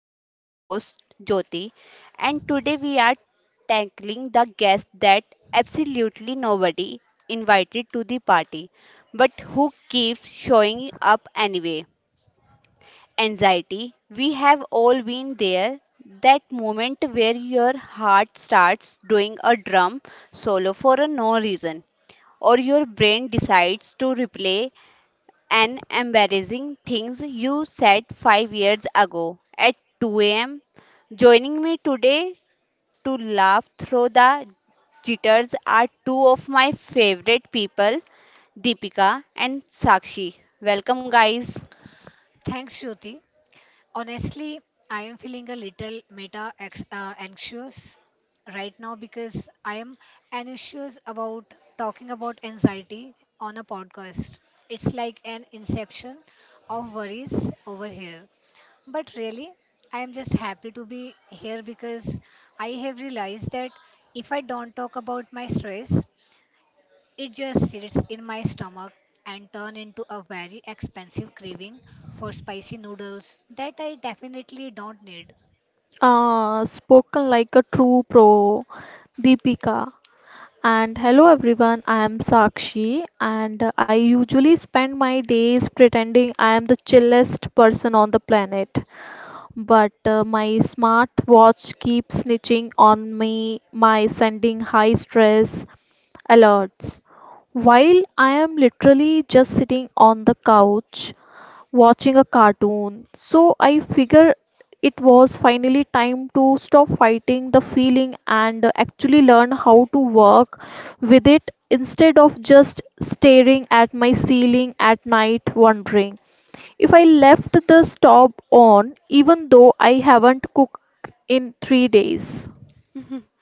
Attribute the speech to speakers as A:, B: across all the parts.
A: I'm your host Jyoti, and today we are tackling the guest that absolutely nobody invited to the party but who keeps showing up anyway. Anxiety. We have all been there. That moment where your heart starts doing a drum solo for a no reason, or your brain decides to replay and embarrassing things you said 5 years ago at 2 a.m. Joining me today to laugh through the jitters are two of my favorite people, Deepika and Sakshi. Welcome, guys.
B: Thanks, Jyoti. Honestly, I am feeling a little anxious right now because I am anxious about talking about anxiety on a podcast. It's like an inception of worries over here. But really, I am just happy to be here because I have realized that if I don't talk about my stress, it just sits in my stomach and turn into a very expensive craving for spicy noodles that I definitely don't need.
C: Spoken like a true pro, Deepika. And hello everyone, I am Sakshi, and I usually spend my days pretending I am the chillest person on the planet. But my smartwatch keeps snitching on me, my sending high stress alerts while I am literally just sitting on the couch, watching a cartoon. So I figure it was finally time to stop fighting the feeling and actually learn how to work with it instead of just staring at my ceiling at night wondering if I left the stove on even though I haven't cooked in 3 days.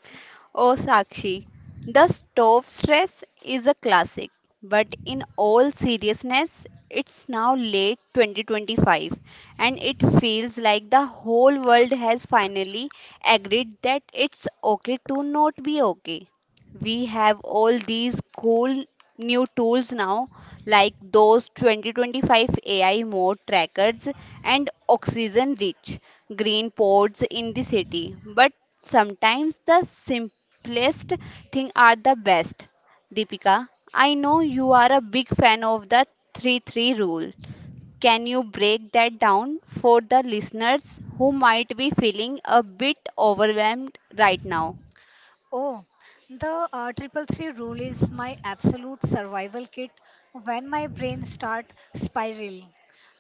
A: Oh, Sakshi, the stove stress is a classic, but in all seriousness, it's now late 2025 and it feels like the whole world has finally agreed that it's okay to not be okay. We have all these cool new tools now like those 2025 AI mode trackers and oxygen rich green pods in the city. But sometimes the simplest thing are the best. Deepika, I know you are a big fan of the 3-3 rule. Can you break that down for the listeners who might be feeling a bit overwhelmed right now?
B: Oh, the triple three rule is my absolute survival kit when my brain start spiraling.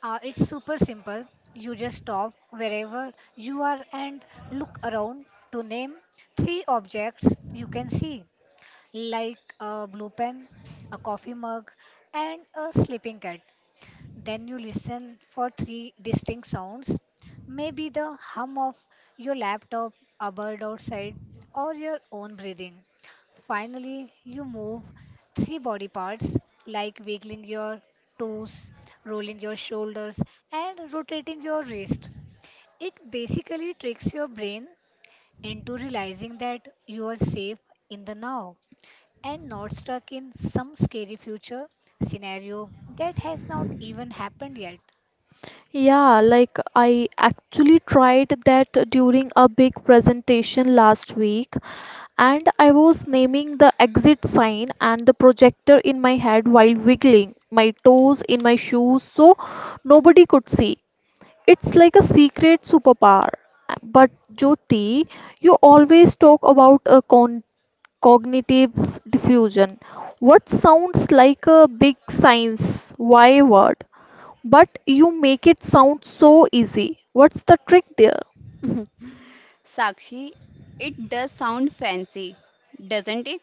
B: It's super simple. You just stop wherever you are and look around to name three objects you can see, like a blue pen, a coffee mug, and a sleeping cat. Then you listen for three distinct sounds, maybe the hum of your laptop, a bird outside, or your own breathing. Finally, you move three body parts like wiggling your toes, rolling your shoulders, and rotating your wrist. It basically tricks your brain into realizing that you are safe in the now and not stuck in some scary future scenario that has not even happened yet.
C: Yeah, like I actually tried that during a big presentation last week, and I was naming the exit sign and the projector in my head while wiggling my toes in my shoes so nobody could see. It's like a secret superpower. But Jyoti, you always talk about a con cognitive diffusion. What sounds like a big science why word, but you make it sound so easy. What's the trick there?
A: Sakshi, it does sound fancy, doesn't it?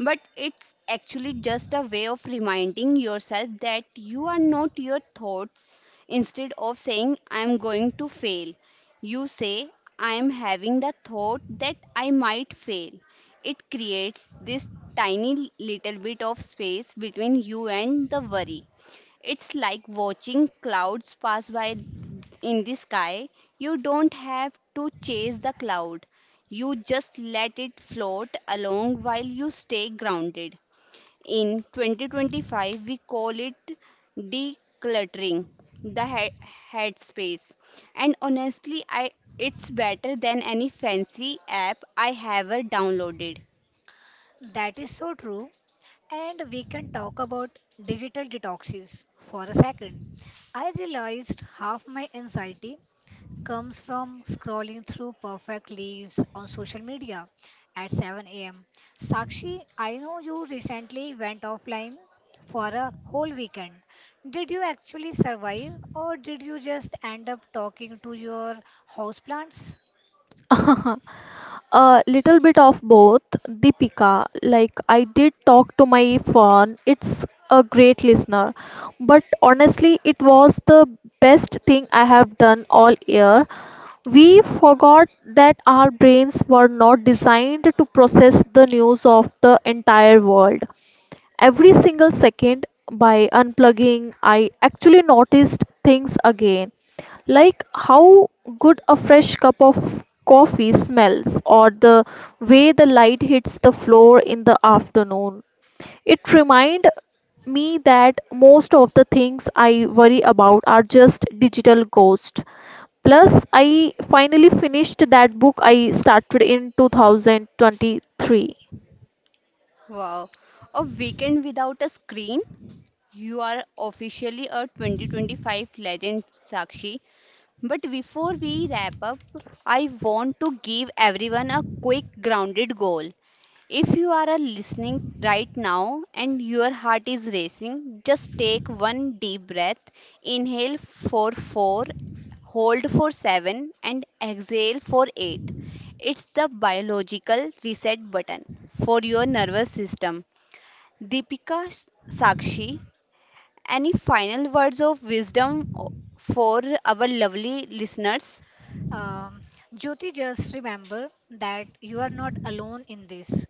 A: But it's actually just a way of reminding yourself that you are not your thoughts. Instead of saying, I'm going to fail, you say, I'm having the thought that I might fail. It creates this tiny little bit of space between you and the worry. It's like watching clouds pass by in the sky. You don't have to chase the cloud, you just let it float along while you stay grounded. In 2025, we call it decluttering the headspace. And honestly, I it's better than any fancy app I have ever downloaded.
B: That is so true. And we can talk about digital detoxes for a second. I realized half my anxiety comes from scrolling through perfect leaves on social media at 7 am. Sakshi, I know you recently went offline for a whole weekend. Did you actually survive or did you just end up talking to your houseplants?
C: A little bit of both, Deepika. Like, I did talk to my phone, it's a great listener, but honestly, it was the best thing I have done all year. We forgot that our brains were not designed to process the news of the entire world every single second. By unplugging I actually noticed things again, like how good a fresh cup of coffee smells, or the way the light hits the floor in the afternoon. It reminded me that most of the things I worry about are just digital ghosts. Plus I finally finished that book I started in 2023.
A: Wow, a weekend without a screen? You are officially a 2025 legend, Sakshi. But before we wrap up, I want to give everyone a quick grounded goal. If you are a listening right now and your heart is racing, just take one deep breath. Inhale for 4, hold for 7, and exhale for 8. It's the biological reset button for your nervous system. Deepika, Sakshi, any final words of wisdom for our lovely listeners?
B: Um, Jyoti, just remember that you are not alone in this.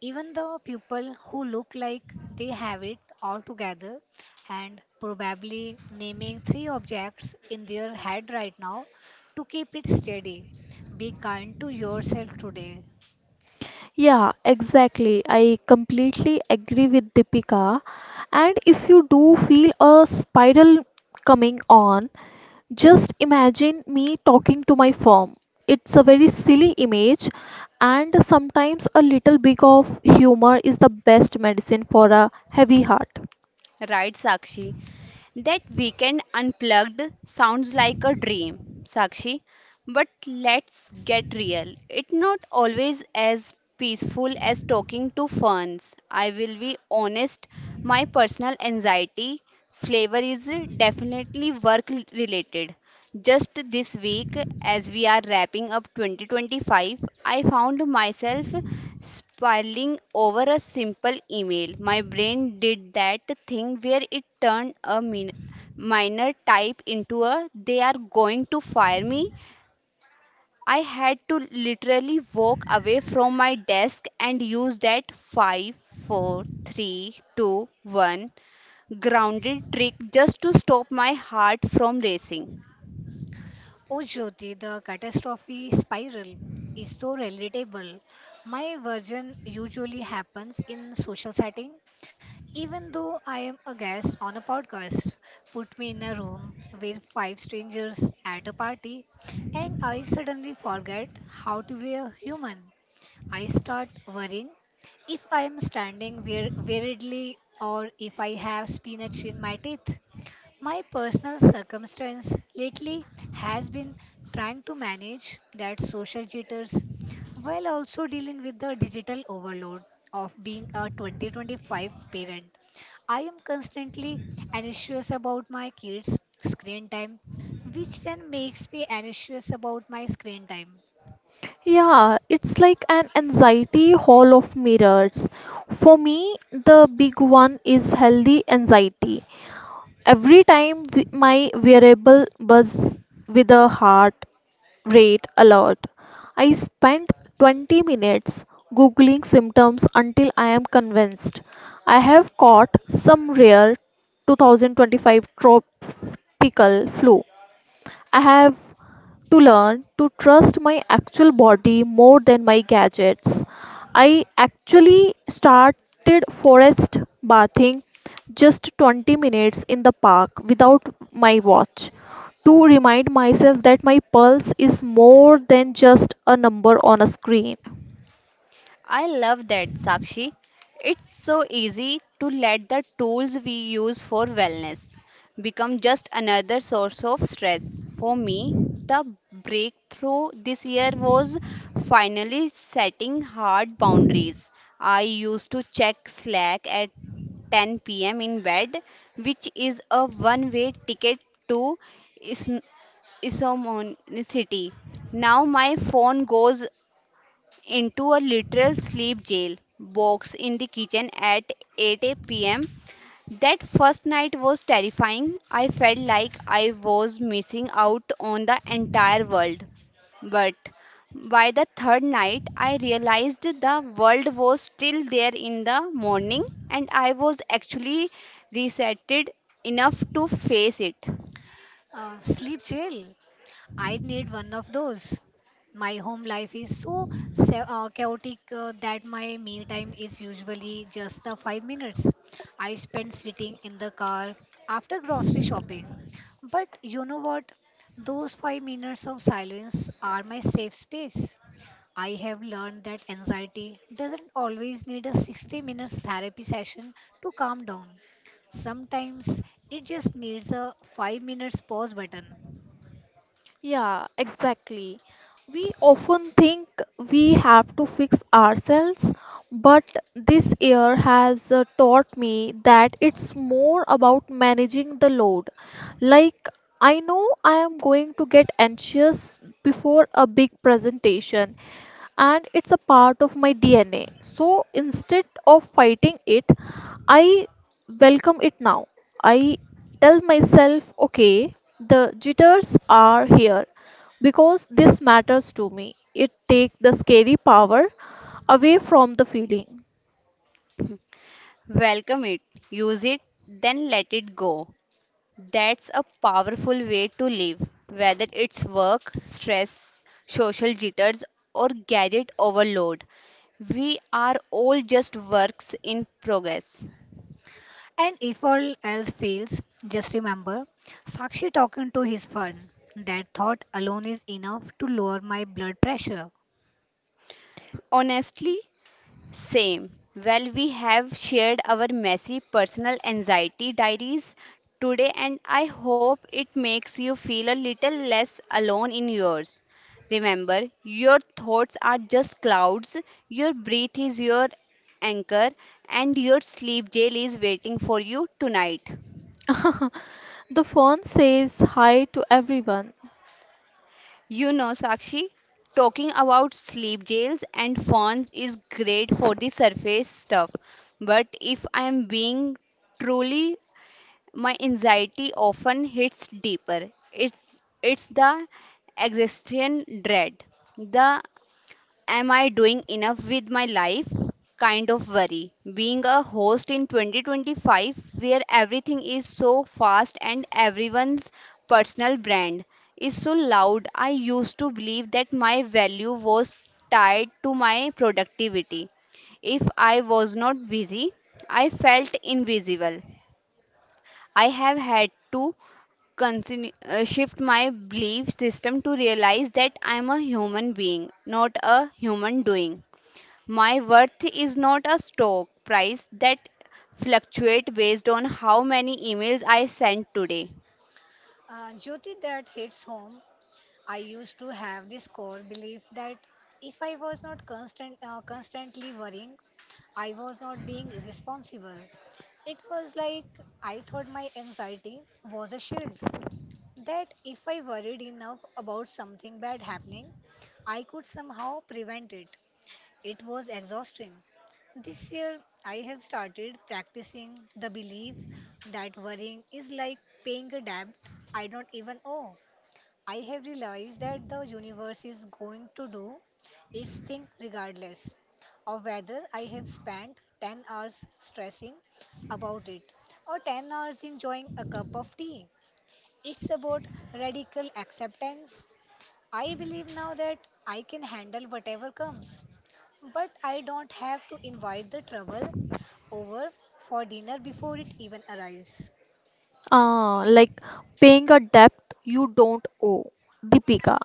B: Even the people who look like they have it all together and probably naming three objects in their head right now to keep it steady. Be kind to yourself today.
C: Yeah, exactly. I completely agree with Deepika. And if you do feel a spiral coming on, just imagine me talking to my firm. It's a very silly image, and sometimes a little bit of humor is the best medicine for a heavy heart.
A: Right, Sakshi. That weekend unplugged sounds like a dream, Sakshi. But let's get real. It's not always as peaceful as talking to ferns. I will be honest, my personal anxiety flavor is definitely work related. Just this week, as we are wrapping up 2025, I found myself spiraling over a simple email. My brain did that thing where it turned a minor type into a they are going to fire me. I had to literally walk away from my desk and use that five, four, three, two, one grounded trick just to stop my heart from racing.
B: Oh, Jyoti, the catastrophe spiral is so relatable. My version usually happens in social setting. Even though I am a guest on a podcast, put me in a room with five strangers at a party, and I suddenly forget how to be a human. I start worrying if I am standing weirdly or if I have spinach in my teeth. My personal circumstance lately has been trying to manage that social jitters while also dealing with the digital overload of being a 2025 parent. I am constantly anxious about my kids' screen time, which then makes me anxious about my screen time.
C: Yeah, it's like an anxiety hall of mirrors. For me, the big one is healthy anxiety. Every time my wearable buzzed with a heart rate alert, I spent 20 minutes googling symptoms until I am convinced I have caught some rare 2025 tropical flu. I have to learn to trust my actual body more than my gadgets. I actually started forest bathing, just 20 minutes in the park without my watch, to remind myself that my pulse is more than just a number on a screen.
A: I love that, Sakshi. It's so easy to let the tools we use for wellness become just another source of stress. For me, the breakthrough this year was finally setting hard boundaries. I used to check Slack at 10 p.m. in bed, which is a one way ticket to is- Isomonicity. Now my phone goes into a literal sleep jail box in the kitchen at 8 pm. That first night was terrifying. I felt like I was missing out on the entire world. But by the third night, I realized the world was still there in the morning and I was actually resetted enough to face it.
B: Sleep jail. I need one of those. My home life is so chaotic that my meal time is usually just the 5 minutes I spend sitting in the car after grocery shopping. But you know what? Those 5 minutes of silence are my safe space. I have learned that anxiety doesn't always need a 60 minutes therapy session to calm down. Sometimes it just needs a 5 minutes pause button.
C: Yeah, exactly. We often think we have to fix ourselves, but this year has taught me that it's more about managing the load. Like, I know I am going to get anxious before a big presentation, and it's a part of my DNA. So instead of fighting it, I welcome it now. I tell myself, okay, the jitters are here because this matters to me. It takes the scary power away from the feeling.
A: Welcome it, use it, then let it go. That's a powerful way to live, whether it's work, stress, social jitters, or gadget overload. We are all just works in progress.
B: And if all else fails, just remember Sakshi talking to his phone. That thought alone is enough to lower my blood pressure.
A: Honestly, same. Well, we have shared our messy personal anxiety diaries today, and I hope it makes you feel a little less alone in yours. Remember, your thoughts are just clouds, your breath is your anchor, and your sleep jail is waiting for you tonight.
C: The phone says hi to everyone.
A: You know, Sakshi, talking about sleep jails and phones is great for the surface stuff, but if I am being truly, my anxiety often hits deeper. It's the existential dread, the am I doing enough with my life kind of worry. Being a host in 2025, where everything is so fast and everyone's personal brand is so loud, I used to believe that my value was tied to my productivity. If I was not busy, I felt invisible. I have had to shift my belief system to realize that I'm a human being, not a human doing. My worth is not a stock price that fluctuates based on how many emails I send today.
B: Jyoti, that hits home. I used to have this core belief that if I was not constantly worrying, I was not being responsible. It was like I thought my anxiety was a shield. That if I worried enough about something bad happening, I could somehow prevent it. It was exhausting. This year, I have started practicing the belief that worrying is like paying a debt I don't even owe. I have realized that the universe is going to do its thing regardless of whether I have spent 10 hours stressing about it or 10 hours enjoying a cup of tea. It's about radical acceptance. I believe now that I can handle whatever comes, but I don't have to invite the trouble over for dinner before it even arrives.
C: Ah, like paying a debt you don't owe, Deepika.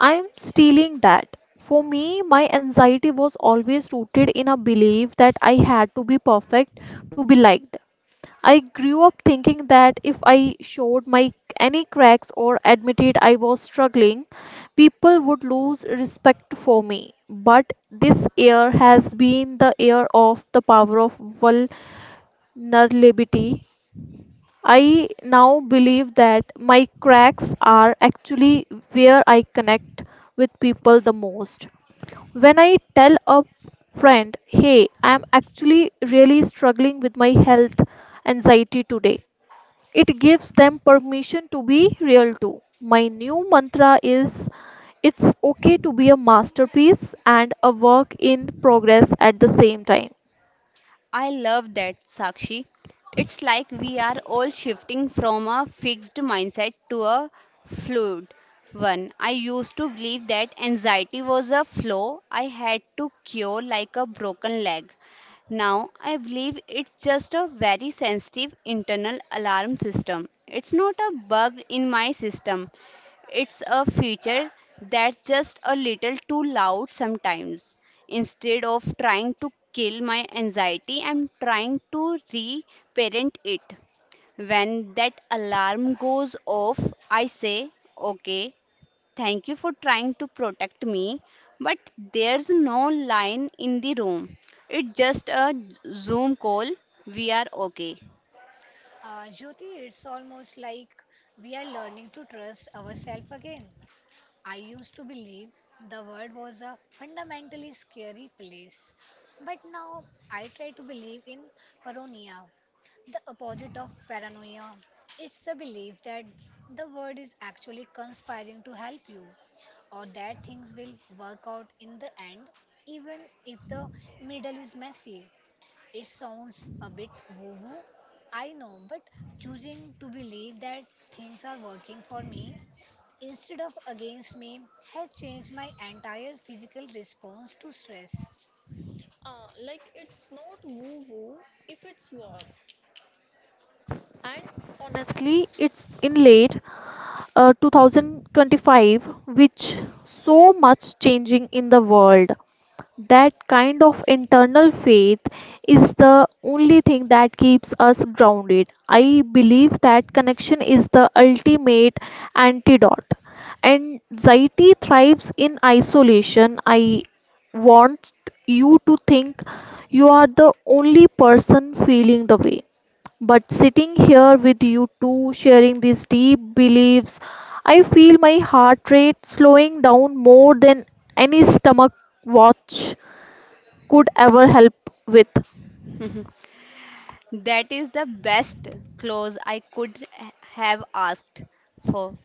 C: I'm stealing that. For me, my anxiety was always rooted in a belief that I had to be perfect to be liked. I grew up thinking that if I showed my any cracks or admitted I was struggling, people would lose respect for me. But this year has been the year of the power of vulnerability. I now believe that my cracks are actually where I connect with people the most. When I tell a friend, hey, I'm actually really struggling with my health anxiety today, it gives them permission to be real too. My new mantra is it's okay to be a masterpiece and a work in progress at the same time.
A: I love that, Sakshi. It's like we are all shifting from a fixed mindset to a fluid one. I used to believe that anxiety was a flaw I had to cure like a broken leg. Now I believe it's just a very sensitive internal alarm system. It's not a bug in my system, it's a feature that's just a little too loud sometimes. Instead of trying to kill my anxiety, I'm trying to reparent it. When that alarm goes off, I say, okay, thank you for trying to protect me, but there's no line in the room. It's just a Zoom call. We are okay.
B: Jyoti, it's almost like we are learning to trust ourselves again. I used to believe the world was a fundamentally scary place, but now I try to believe in paranoia, the opposite of paranoia. It's the belief that the world is actually conspiring to help you, or that things will work out in the end, even if the middle is messy. It sounds a bit woo woo, I know, but choosing to believe that things are working for me instead of against me has changed my entire physical response to stress.
C: Like it's not woo woo if it works. And honestly, it's in late 2025, which so much changing in the world. That kind of internal faith is the only thing that keeps us grounded. I believe that connection is the ultimate antidote. Anxiety thrives in isolation. I want you to think you are the only person feeling the way. But sitting here with you two, sharing these deep beliefs, I feel my heart rate slowing down more than any stomach watch could ever help with.
A: That is the best close I could have asked for.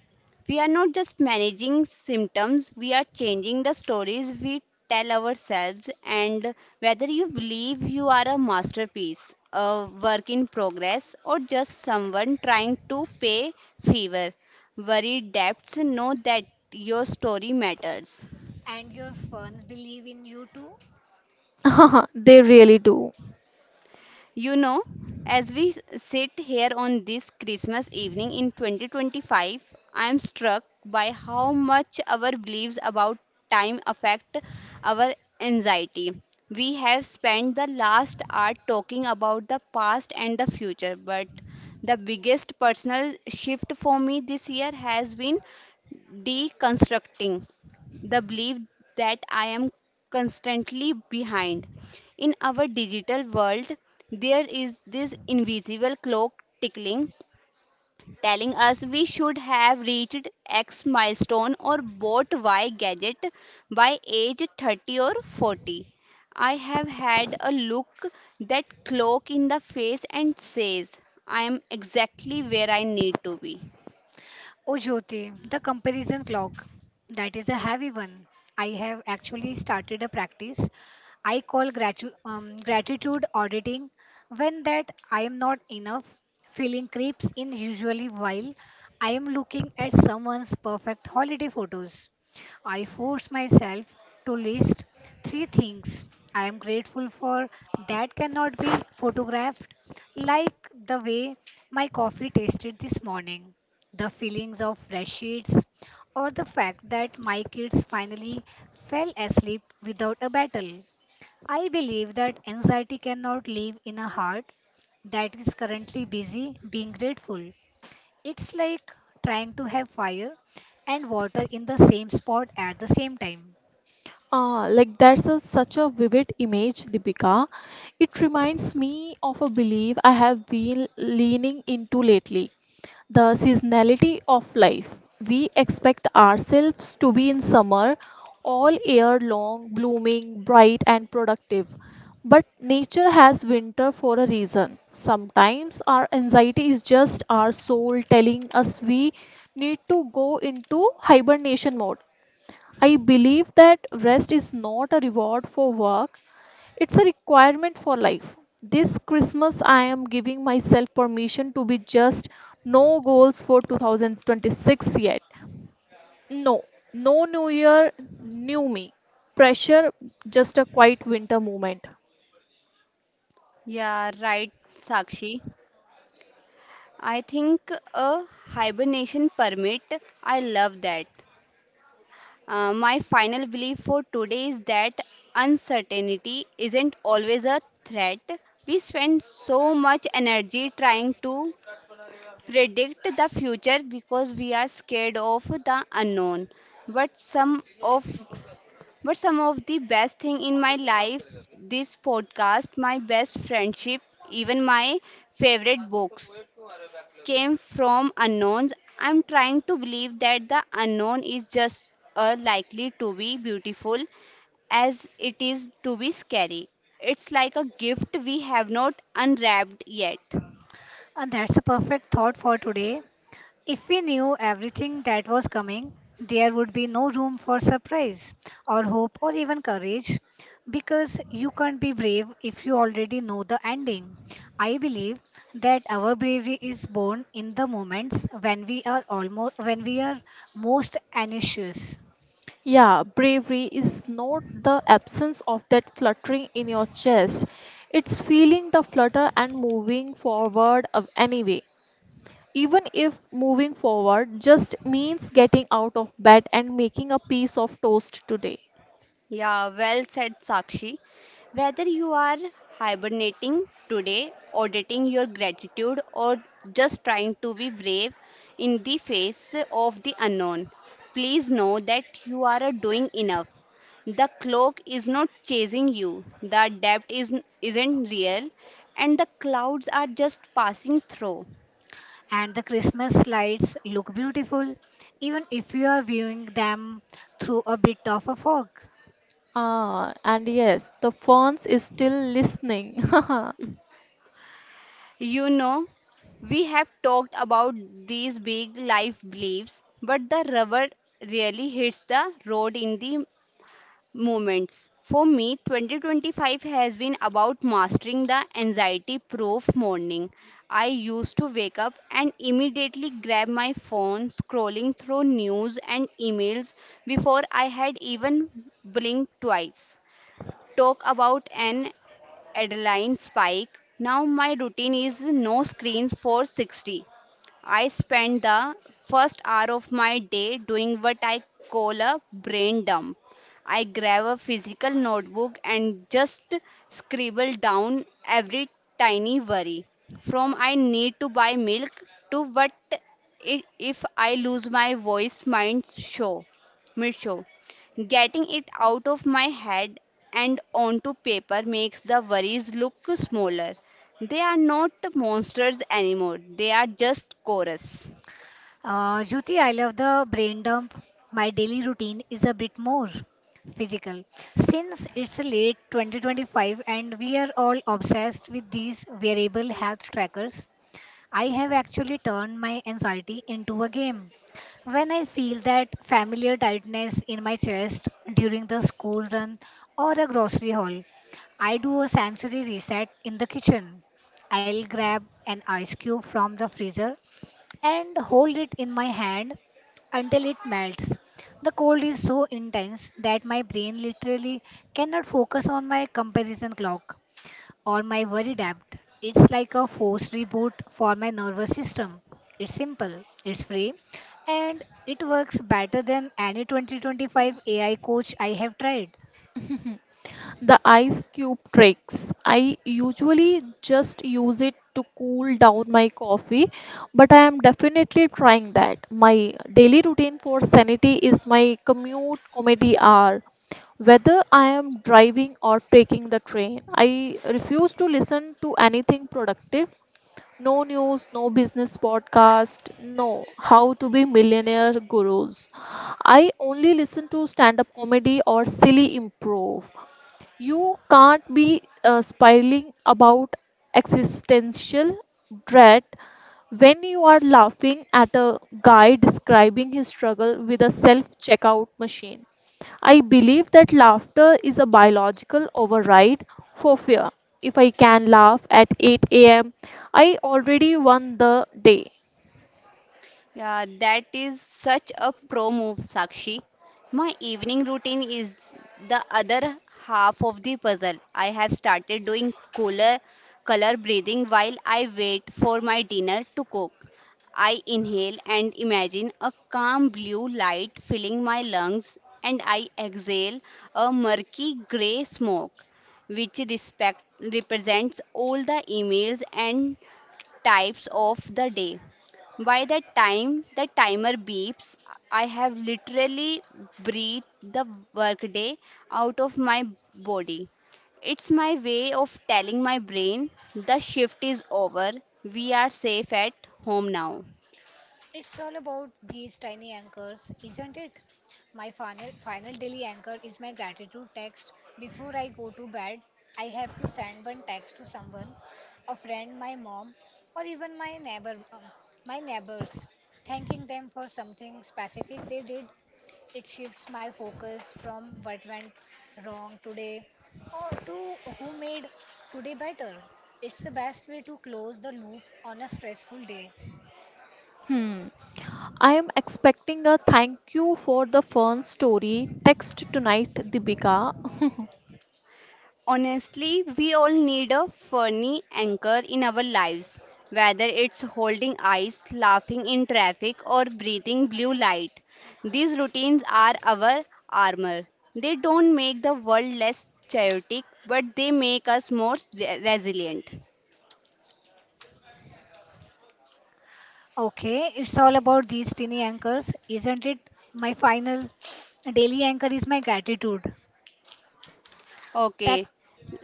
A: We are not just managing symptoms, we are changing the stories we tell ourselves. And whether you believe you are a masterpiece, a work in progress, or just someone trying to pay fever, worried debts, know that your story matters.
B: And your fans believe in you too.
C: They really do.
A: You know, as we sit here on this Christmas evening in 2025, I am struck by how much our beliefs about time affect our anxiety. We have spent the last hour talking about the past and the future, but the biggest personal shift for me this year has been deconstructing the belief that I am constantly behind. In our digital world, there is this invisible clock tickling, telling us we should have reached X milestone or bought Y gadget by age 30 or 40. I have had a look that clock in the face and says, I am exactly where I need to be.
B: Oh, Jyoti, the comparison clock. That is a heavy one. I have actually started a practice I call gratitude auditing. When that I am not enough, feeling creeps in usually while I am looking at someone's perfect holiday photos. I force myself to list three things I am grateful for that cannot be photographed, like the way my coffee tasted this morning, the feelings of fresh sheets, or the fact that my kids finally fell asleep without a battle. I believe that anxiety cannot live in a heart that is currently busy being grateful. It's like trying to have fire and water in the same spot at the same time.
C: Ah, like that's a, such a vivid image, Deepika. It reminds me of a belief I have been leaning into lately: the seasonality of life. We expect ourselves to be in summer all year long, blooming, bright, and productive. But nature has winter for a reason. Sometimes our anxiety is just our soul telling us we need to go into hibernation mode. I believe that rest is not a reward for work, it's a requirement for life. This Christmas, I am giving myself permission to be just, no goals for 2026 yet. No, no new year, new me. Pressure, just a quiet winter moment.
A: Yeah, right, Sakshi. I think a hibernation permit. I love that. My final belief for today is that uncertainty isn't always a threat. We spend so much energy trying to predict the future because we are scared of the unknown. But some of but some of the best thing in my life, this podcast, my best friendship, even my favorite books came from unknowns. I'm trying to believe that the unknown is just as likely to be beautiful as it is to be scary. It's like a gift we have not unwrapped yet.
B: And that's a perfect thought for today. If we knew everything that was coming, there would be no room for surprise or hope or even courage because you can't be brave if you already know the ending. I believe that our bravery is born in the moments when we are almost, when we are most anxious,
C: Yeah, bravery is not the absence of that fluttering in your chest. It's feeling the flutter and moving forward of anyway. Even if moving forward just means getting out of bed and making a piece of toast today.
A: Yeah, well said, Sakshi. Whether you are hibernating today, auditing your gratitude, or just trying to be brave in the face of the unknown, please know that you are doing enough. The cloak is not chasing you, the depth is, isn't real, and the clouds are just passing through.
B: and the Christmas lights look beautiful even if you are viewing them through a bit of a fog.
C: Ah, and yes, the ferns is still listening.
A: You know, we have talked about these big life beliefs, but the rubber really hits the road in the moments. For me, 2025 has been about mastering the anxiety proof morning. I used to wake up and immediately grab my phone, scrolling through news and emails before I had even blinked twice. Talk about an Adeline Spike. Now my routine is no screen for 60. I spend the first hour of my day doing what I call a brain dump. I grab a physical notebook and just scribble down every tiny worry from I need to buy milk to what if I lose my voice mind show mid show. Getting it out of my head and onto paper makes the worries look smaller. They are not monsters anymore, they are just chorus.
B: Jyoti, I love the brain dump. My daily routine is a bit more physical. Since it's late 2025 and we are all obsessed with these wearable health trackers, I have actually turned my anxiety into a game. When I feel that familiar tightness in my chest during the school run or a grocery haul, I do a sensory reset in the kitchen. I'll grab an ice cube from the freezer and hold it in my hand until it melts. The cold is so intense that my brain literally cannot focus on my comparison clock or my worry debt. It's like a forced reboot for my nervous system. It's simple, it's free, and it works better than any 2025 AI coach I have tried.
C: The ice cube tricks. I usually just use it to cool down my coffee, but I am definitely trying that. My daily routine for sanity is my commute comedy hour. Whether I am driving or taking the train, I refuse to listen to anything productive. No news, no business podcast, no how to be millionaire gurus. I only listen to stand up comedy or silly improv. You can't be spiraling about existential dread when you are laughing at a guy describing his struggle with a self checkout machine. I believe that laughter is a biological override for fear. If I can laugh at 8 a.m., I already won the day.
A: Yeah, that is such a pro move, Sakshi. My evening routine is the other half of the puzzle. I have started doing cooler color breathing while I wait for my dinner to cook. I inhale and imagine a calm blue light filling my lungs, and I exhale a murky gray smoke, which represents all the emails and types of the day. By the time the timer beeps, I have literally breathed the workday out of my body. It's my way of telling my brain the shift is over. We are safe at home now.
B: It's all about these tiny anchors, isn't it? My final, final daily anchor is my gratitude text. Before I go to bed, I have to send one text to someone, a friend, my mom, or even my neighbor, my neighbors, thanking them for something specific they did. It shifts my focus from what went wrong today or to who made today better. It's the best way to close the loop on a stressful day.
C: Hmm. I am expecting a thank you for the fun story text tonight, Dibika.
A: Honestly, we all need a funny anchor in our lives, whether it's holding eyes, laughing in traffic, or breathing blue light. These routines are our armor. They don't make the world less chaotic, but they make us more resilient.
B: Okay, it's all about these tiny anchors, isn't it? My final daily anchor is my gratitude. Tech,
A: Okay,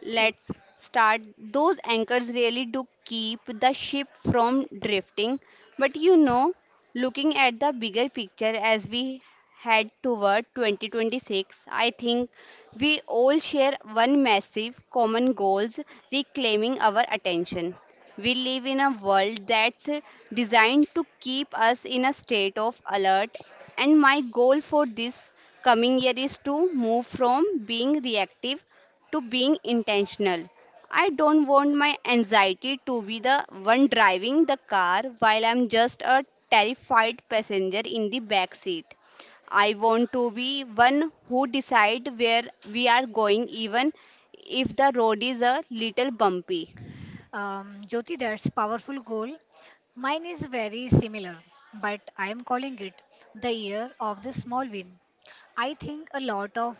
A: let's start. Those anchors really do keep the ship from drifting, but you know, looking at the bigger picture as we head toward 2026, I think we all share one massive common goals reclaiming our attention. We live in a world that's designed to keep us in a state of alert, and my goal for this coming year is to move from being reactive to being intentional. I don't want my anxiety to be the one driving the car while I'm just a terrified passenger in the back seat. I want to be one who decide where we are going even if the road is a little bumpy.
B: Jyoti, that's powerful goal. Mine is very similar, but I am calling it the year of the small win. I think a lot of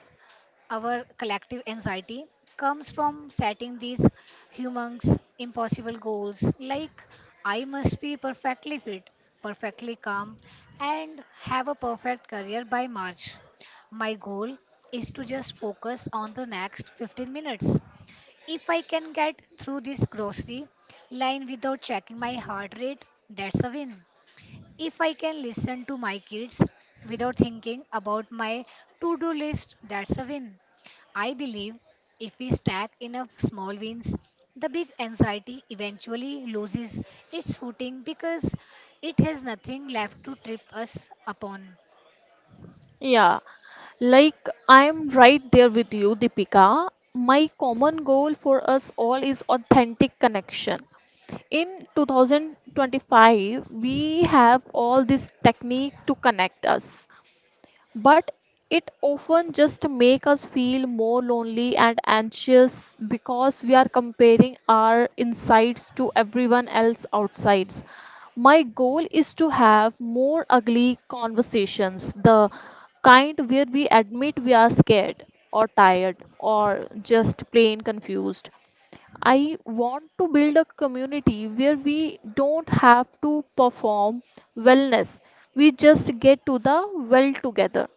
B: our collective anxiety comes from setting these humongous impossible goals like I must be perfectly fit, perfectly calm, and have a perfect career by march. My goal is to just focus on the next 15 minutes. If I can get through this grocery line without checking my heart rate, that's a win. If I can listen to my kids without thinking about my to do list, that's a win. I believe if we stack enough small wins, the big anxiety eventually loses its footing because it has nothing left to trip us upon.
C: Yeah, like I'm right there with you, Deepika. My common goal for us all is authentic connection. In 2025, we have all this technique to connect us, but it often just make us feel more lonely and anxious because we are comparing our insides to everyone else outsides. My goal is to have more ugly conversations, the kind where we admit we are scared or tired or just plain confused. I want to build a community where we don't have to perform wellness. We just get to the well together.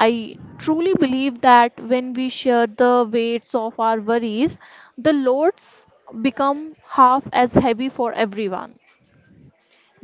C: I truly believe that when we share the weights of our worries, the loads become half as heavy for everyone.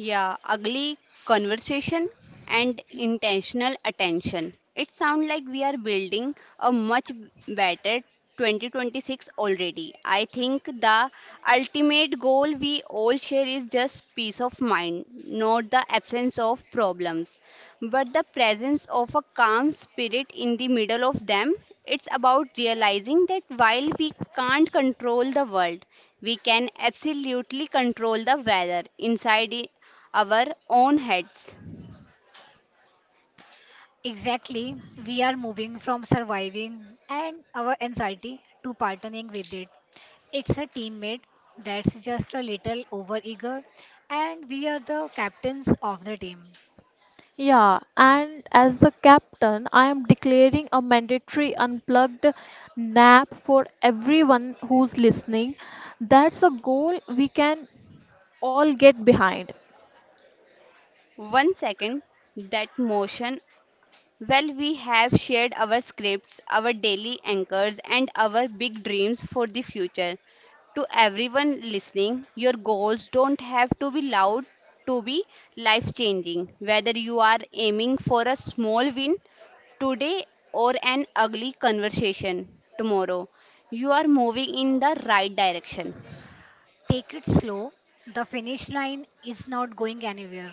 A: Yeah, ugly conversation and intentional attention. It sounds like we are building a much better 2026 already. I think the ultimate goal we all share is just peace of mind, not the absence of problems, but the presence of a calm spirit in the middle of them. It's about realizing that while we can't control the world, we can absolutely control the weather inside our own heads.
B: Exactly, we are moving from surviving and our anxiety to partnering with it. It's a teammate that's just a little overeager, and we are the captains of the team.
C: Yeah, and as the captain, I am declaring a mandatory unplugged nap for everyone who's listening. That's a goal we can all get behind.
A: One second, that motion. Well, we have shared our scripts, our daily anchors, and our big dreams for the future. To everyone listening, your goals don't have to be loud to be life changing. Whether you are aiming for a small win today or an ugly conversation tomorrow, you are moving in the right direction.
B: Take it slow. The finish line is not going anywhere.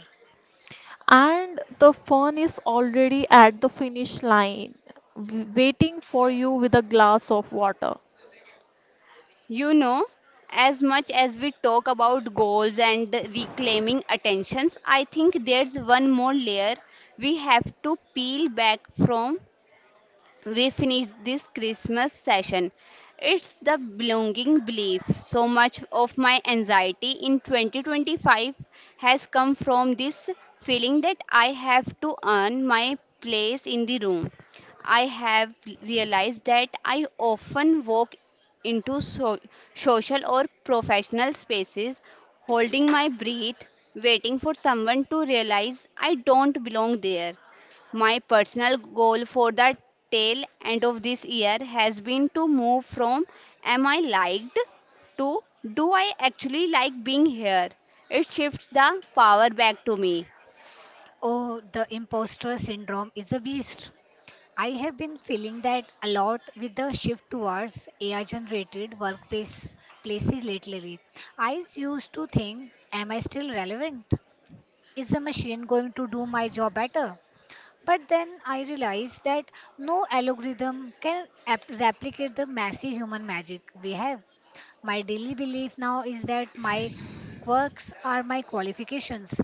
C: And the fun is already at the finish line waiting for you with a glass of water.
A: You know, as much as we talk about goals and reclaiming attentions, I think there's one more layer we have to peel back from we finish this Christmas session. It's the belonging belief. So much of my anxiety in 2025 has come from this feeling that I have to earn my place in the room. I have realized that I often walk into social or professional spaces holding my breath, waiting for someone to realize I don't belong there. My personal goal for the tail end of this year has been to move from am I liked to do I actually like being here? It shifts the power back to me.
B: Oh, the imposter syndrome is a beast. I have been feeling that a lot with the shift towards AI generated workplace places lately. I used to think, am I still relevant? Is the machine going to do my job better? But then I realized that no algorithm can replicate the massive human magic we have. My daily belief now is that my quirks are my qualifications.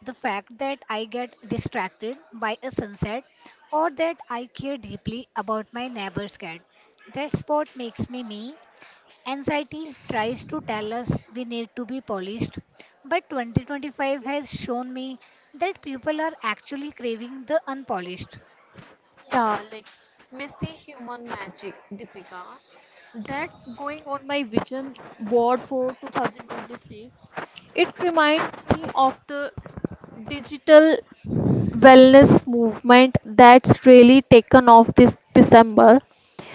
B: The fact that I get distracted by a sunset or that I care deeply about my neighbor's cat. That's what makes me me. Anxiety tries to tell us we need to be polished, but 2025 has shown me that people are actually craving the unpolished
C: Yeah, like messy human magic, Deepika. That's going on my vision board for 2026. It reminds me of the digital wellness movement that's really taken off this December.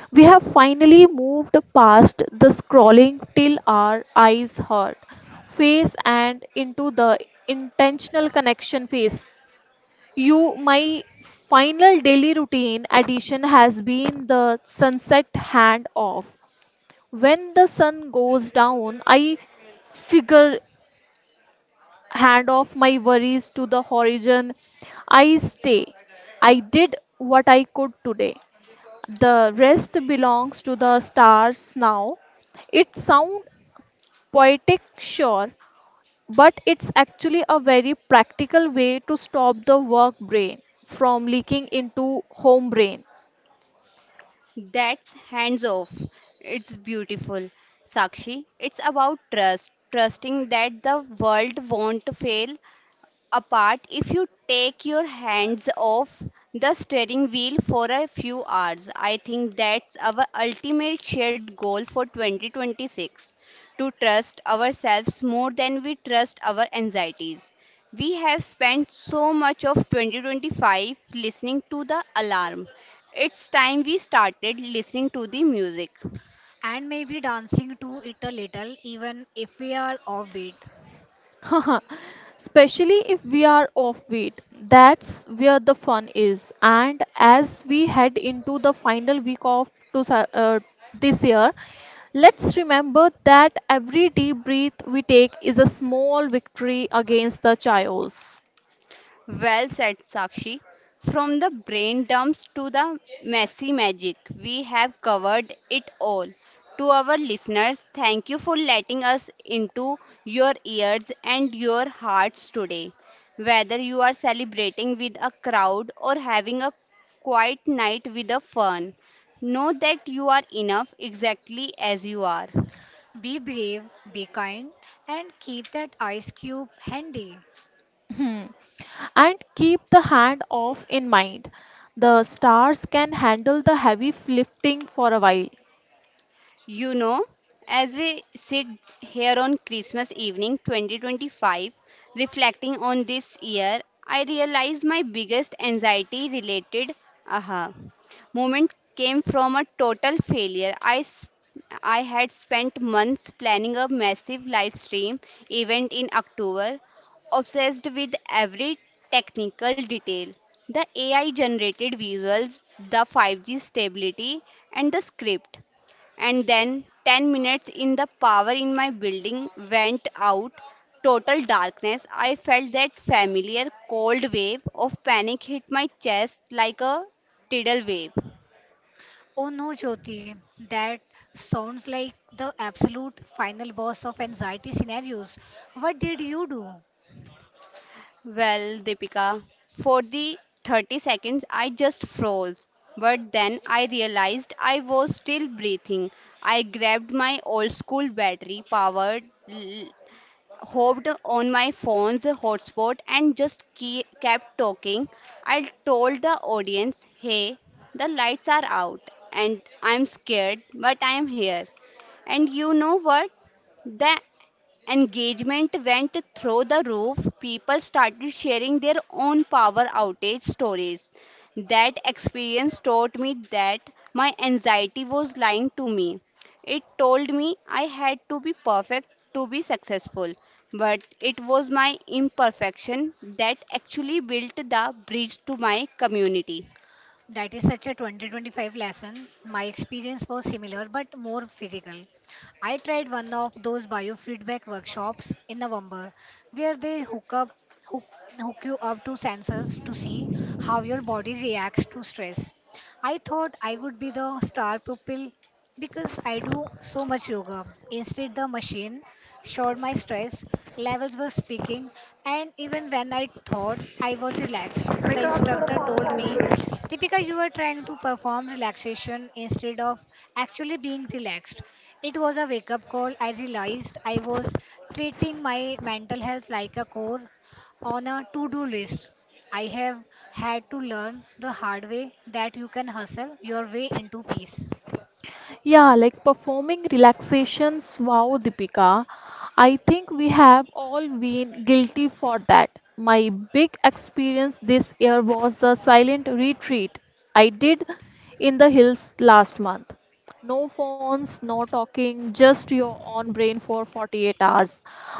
C: We have finally moved past the scrolling till our eyes hurt phase and into the intentional connection phase. You, my final daily routine addition has been the sunset handoff. When the sun goes down, I figure hand off my worries to the horizon. I stay. I did what I could today. The rest belongs to the stars now. It sounds poetic, sure, but it's actually a very practical way to stop the work brain from leaking into home brain.
A: That's hands off. It's beautiful. Sakshi, it's about trust, trusting that the world won't fail apart if you take your hands off the steering wheel for a few hours. I think that's our ultimate shared goal for 2026 to trust ourselves more than we trust our anxieties. We have spent so much of 2025 listening to the alarm. It's time we started listening to the music.
B: and maybe dancing to it a little even if we are offbeat.
C: Especially if we are offbeat, that's where the fun is. And as we head into the final week of this year, let's remember that every deep breath we take is a small victory against the chaos.
A: Well said, Sakshi. From the brain dumps to the messy magic, we have covered it all. To our listeners, thank you for letting us into your ears and your hearts today. Whether you are celebrating with a crowd or having a quiet night with a fern, know that you are enough exactly as you are.
B: Be brave, be kind, and keep that ice cube handy.
C: Hmm. And keep the hand off in mind. The stars can handle the heavy lifting for a while.
A: You know, as we sit here on Christmas evening 2025, reflecting on this year, I realized my biggest anxiety related aha moment came from a total failure. I had spent months planning a massive live stream event in October, obsessed with every technical detail, the AI generated visuals, the 5G stability, and the script, and then 10 minutes in the power in my building went out. Total darkness. I felt that familiar cold wave.
B: Oh no, Jyoti, that sounds like the absolute final boss of anxiety scenarios. What did you do? That is such a 2025 lesson. My experience was similar but more physical. I tried one of those biofeedback workshops in November where they hook, hook you up to sensors to see how your body reacts to stress. I thought I would be the star pupil because I do so much yoga. Instead, the machine showed my stress levels were speaking, and even when I thought I was relaxed, the instructor told me Deepika, you were trying to perform relaxation instead of actually being relaxed. It was a wake up call. I realized I was treating my mental health like a core on a to do list. I have had to learn the hard way that you can hustle your way into peace.
C: Yeah, like performing relaxations. Wow, Deepika. I think we have all been guilty for that. My big experience this year was the silent retreat I did in the hills last month. No phones, no talking, just your own brain for 48 hours.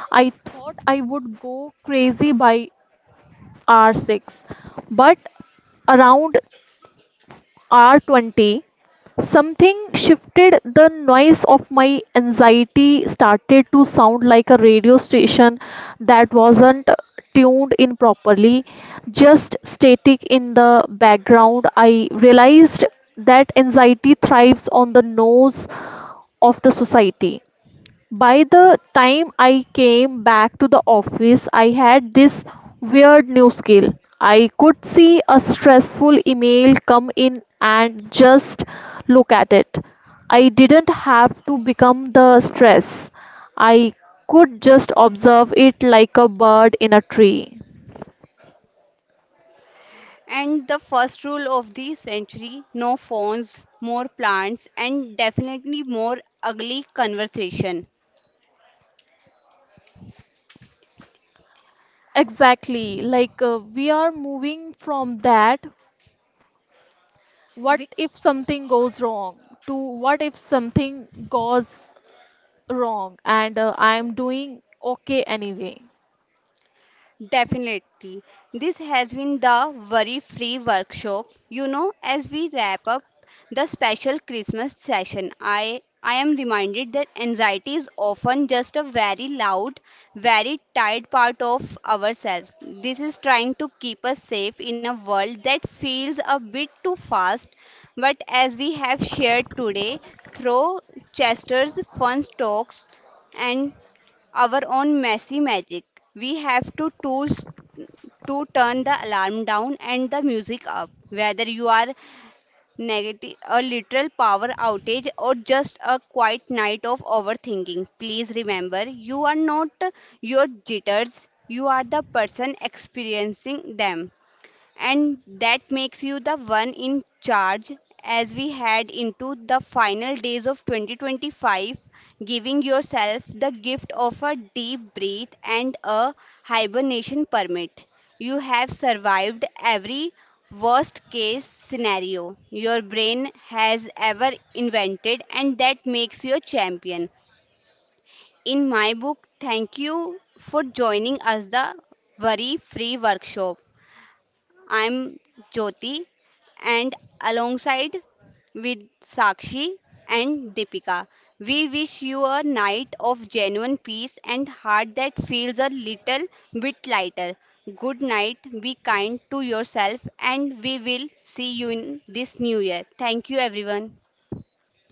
C: I thought I would go crazy by hour 6, but around R20, something shifted. The noise of my anxiety started to sound like a radio station that wasn't tuned in properly, just static in the background. I realized that anxiety thrives on the nose of the society. By the time I came back to the office, I had this weird new skill. I could see a stressful email come in and just look at it. I didn't have to become the stress. I could just observe it like a bird in a tree. Exactly. Like we are moving from that what if something goes wrong to what if something goes wrong and I am doing okay anyway.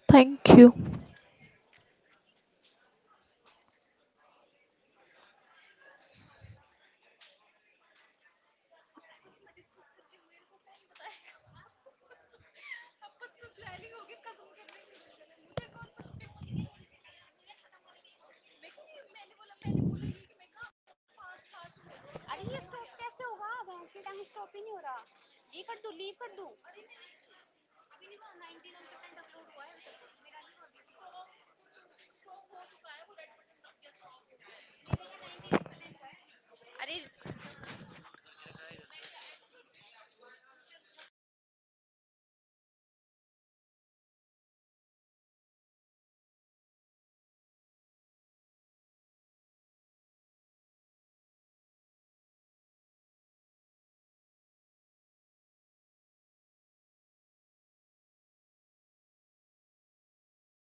C: Thank you.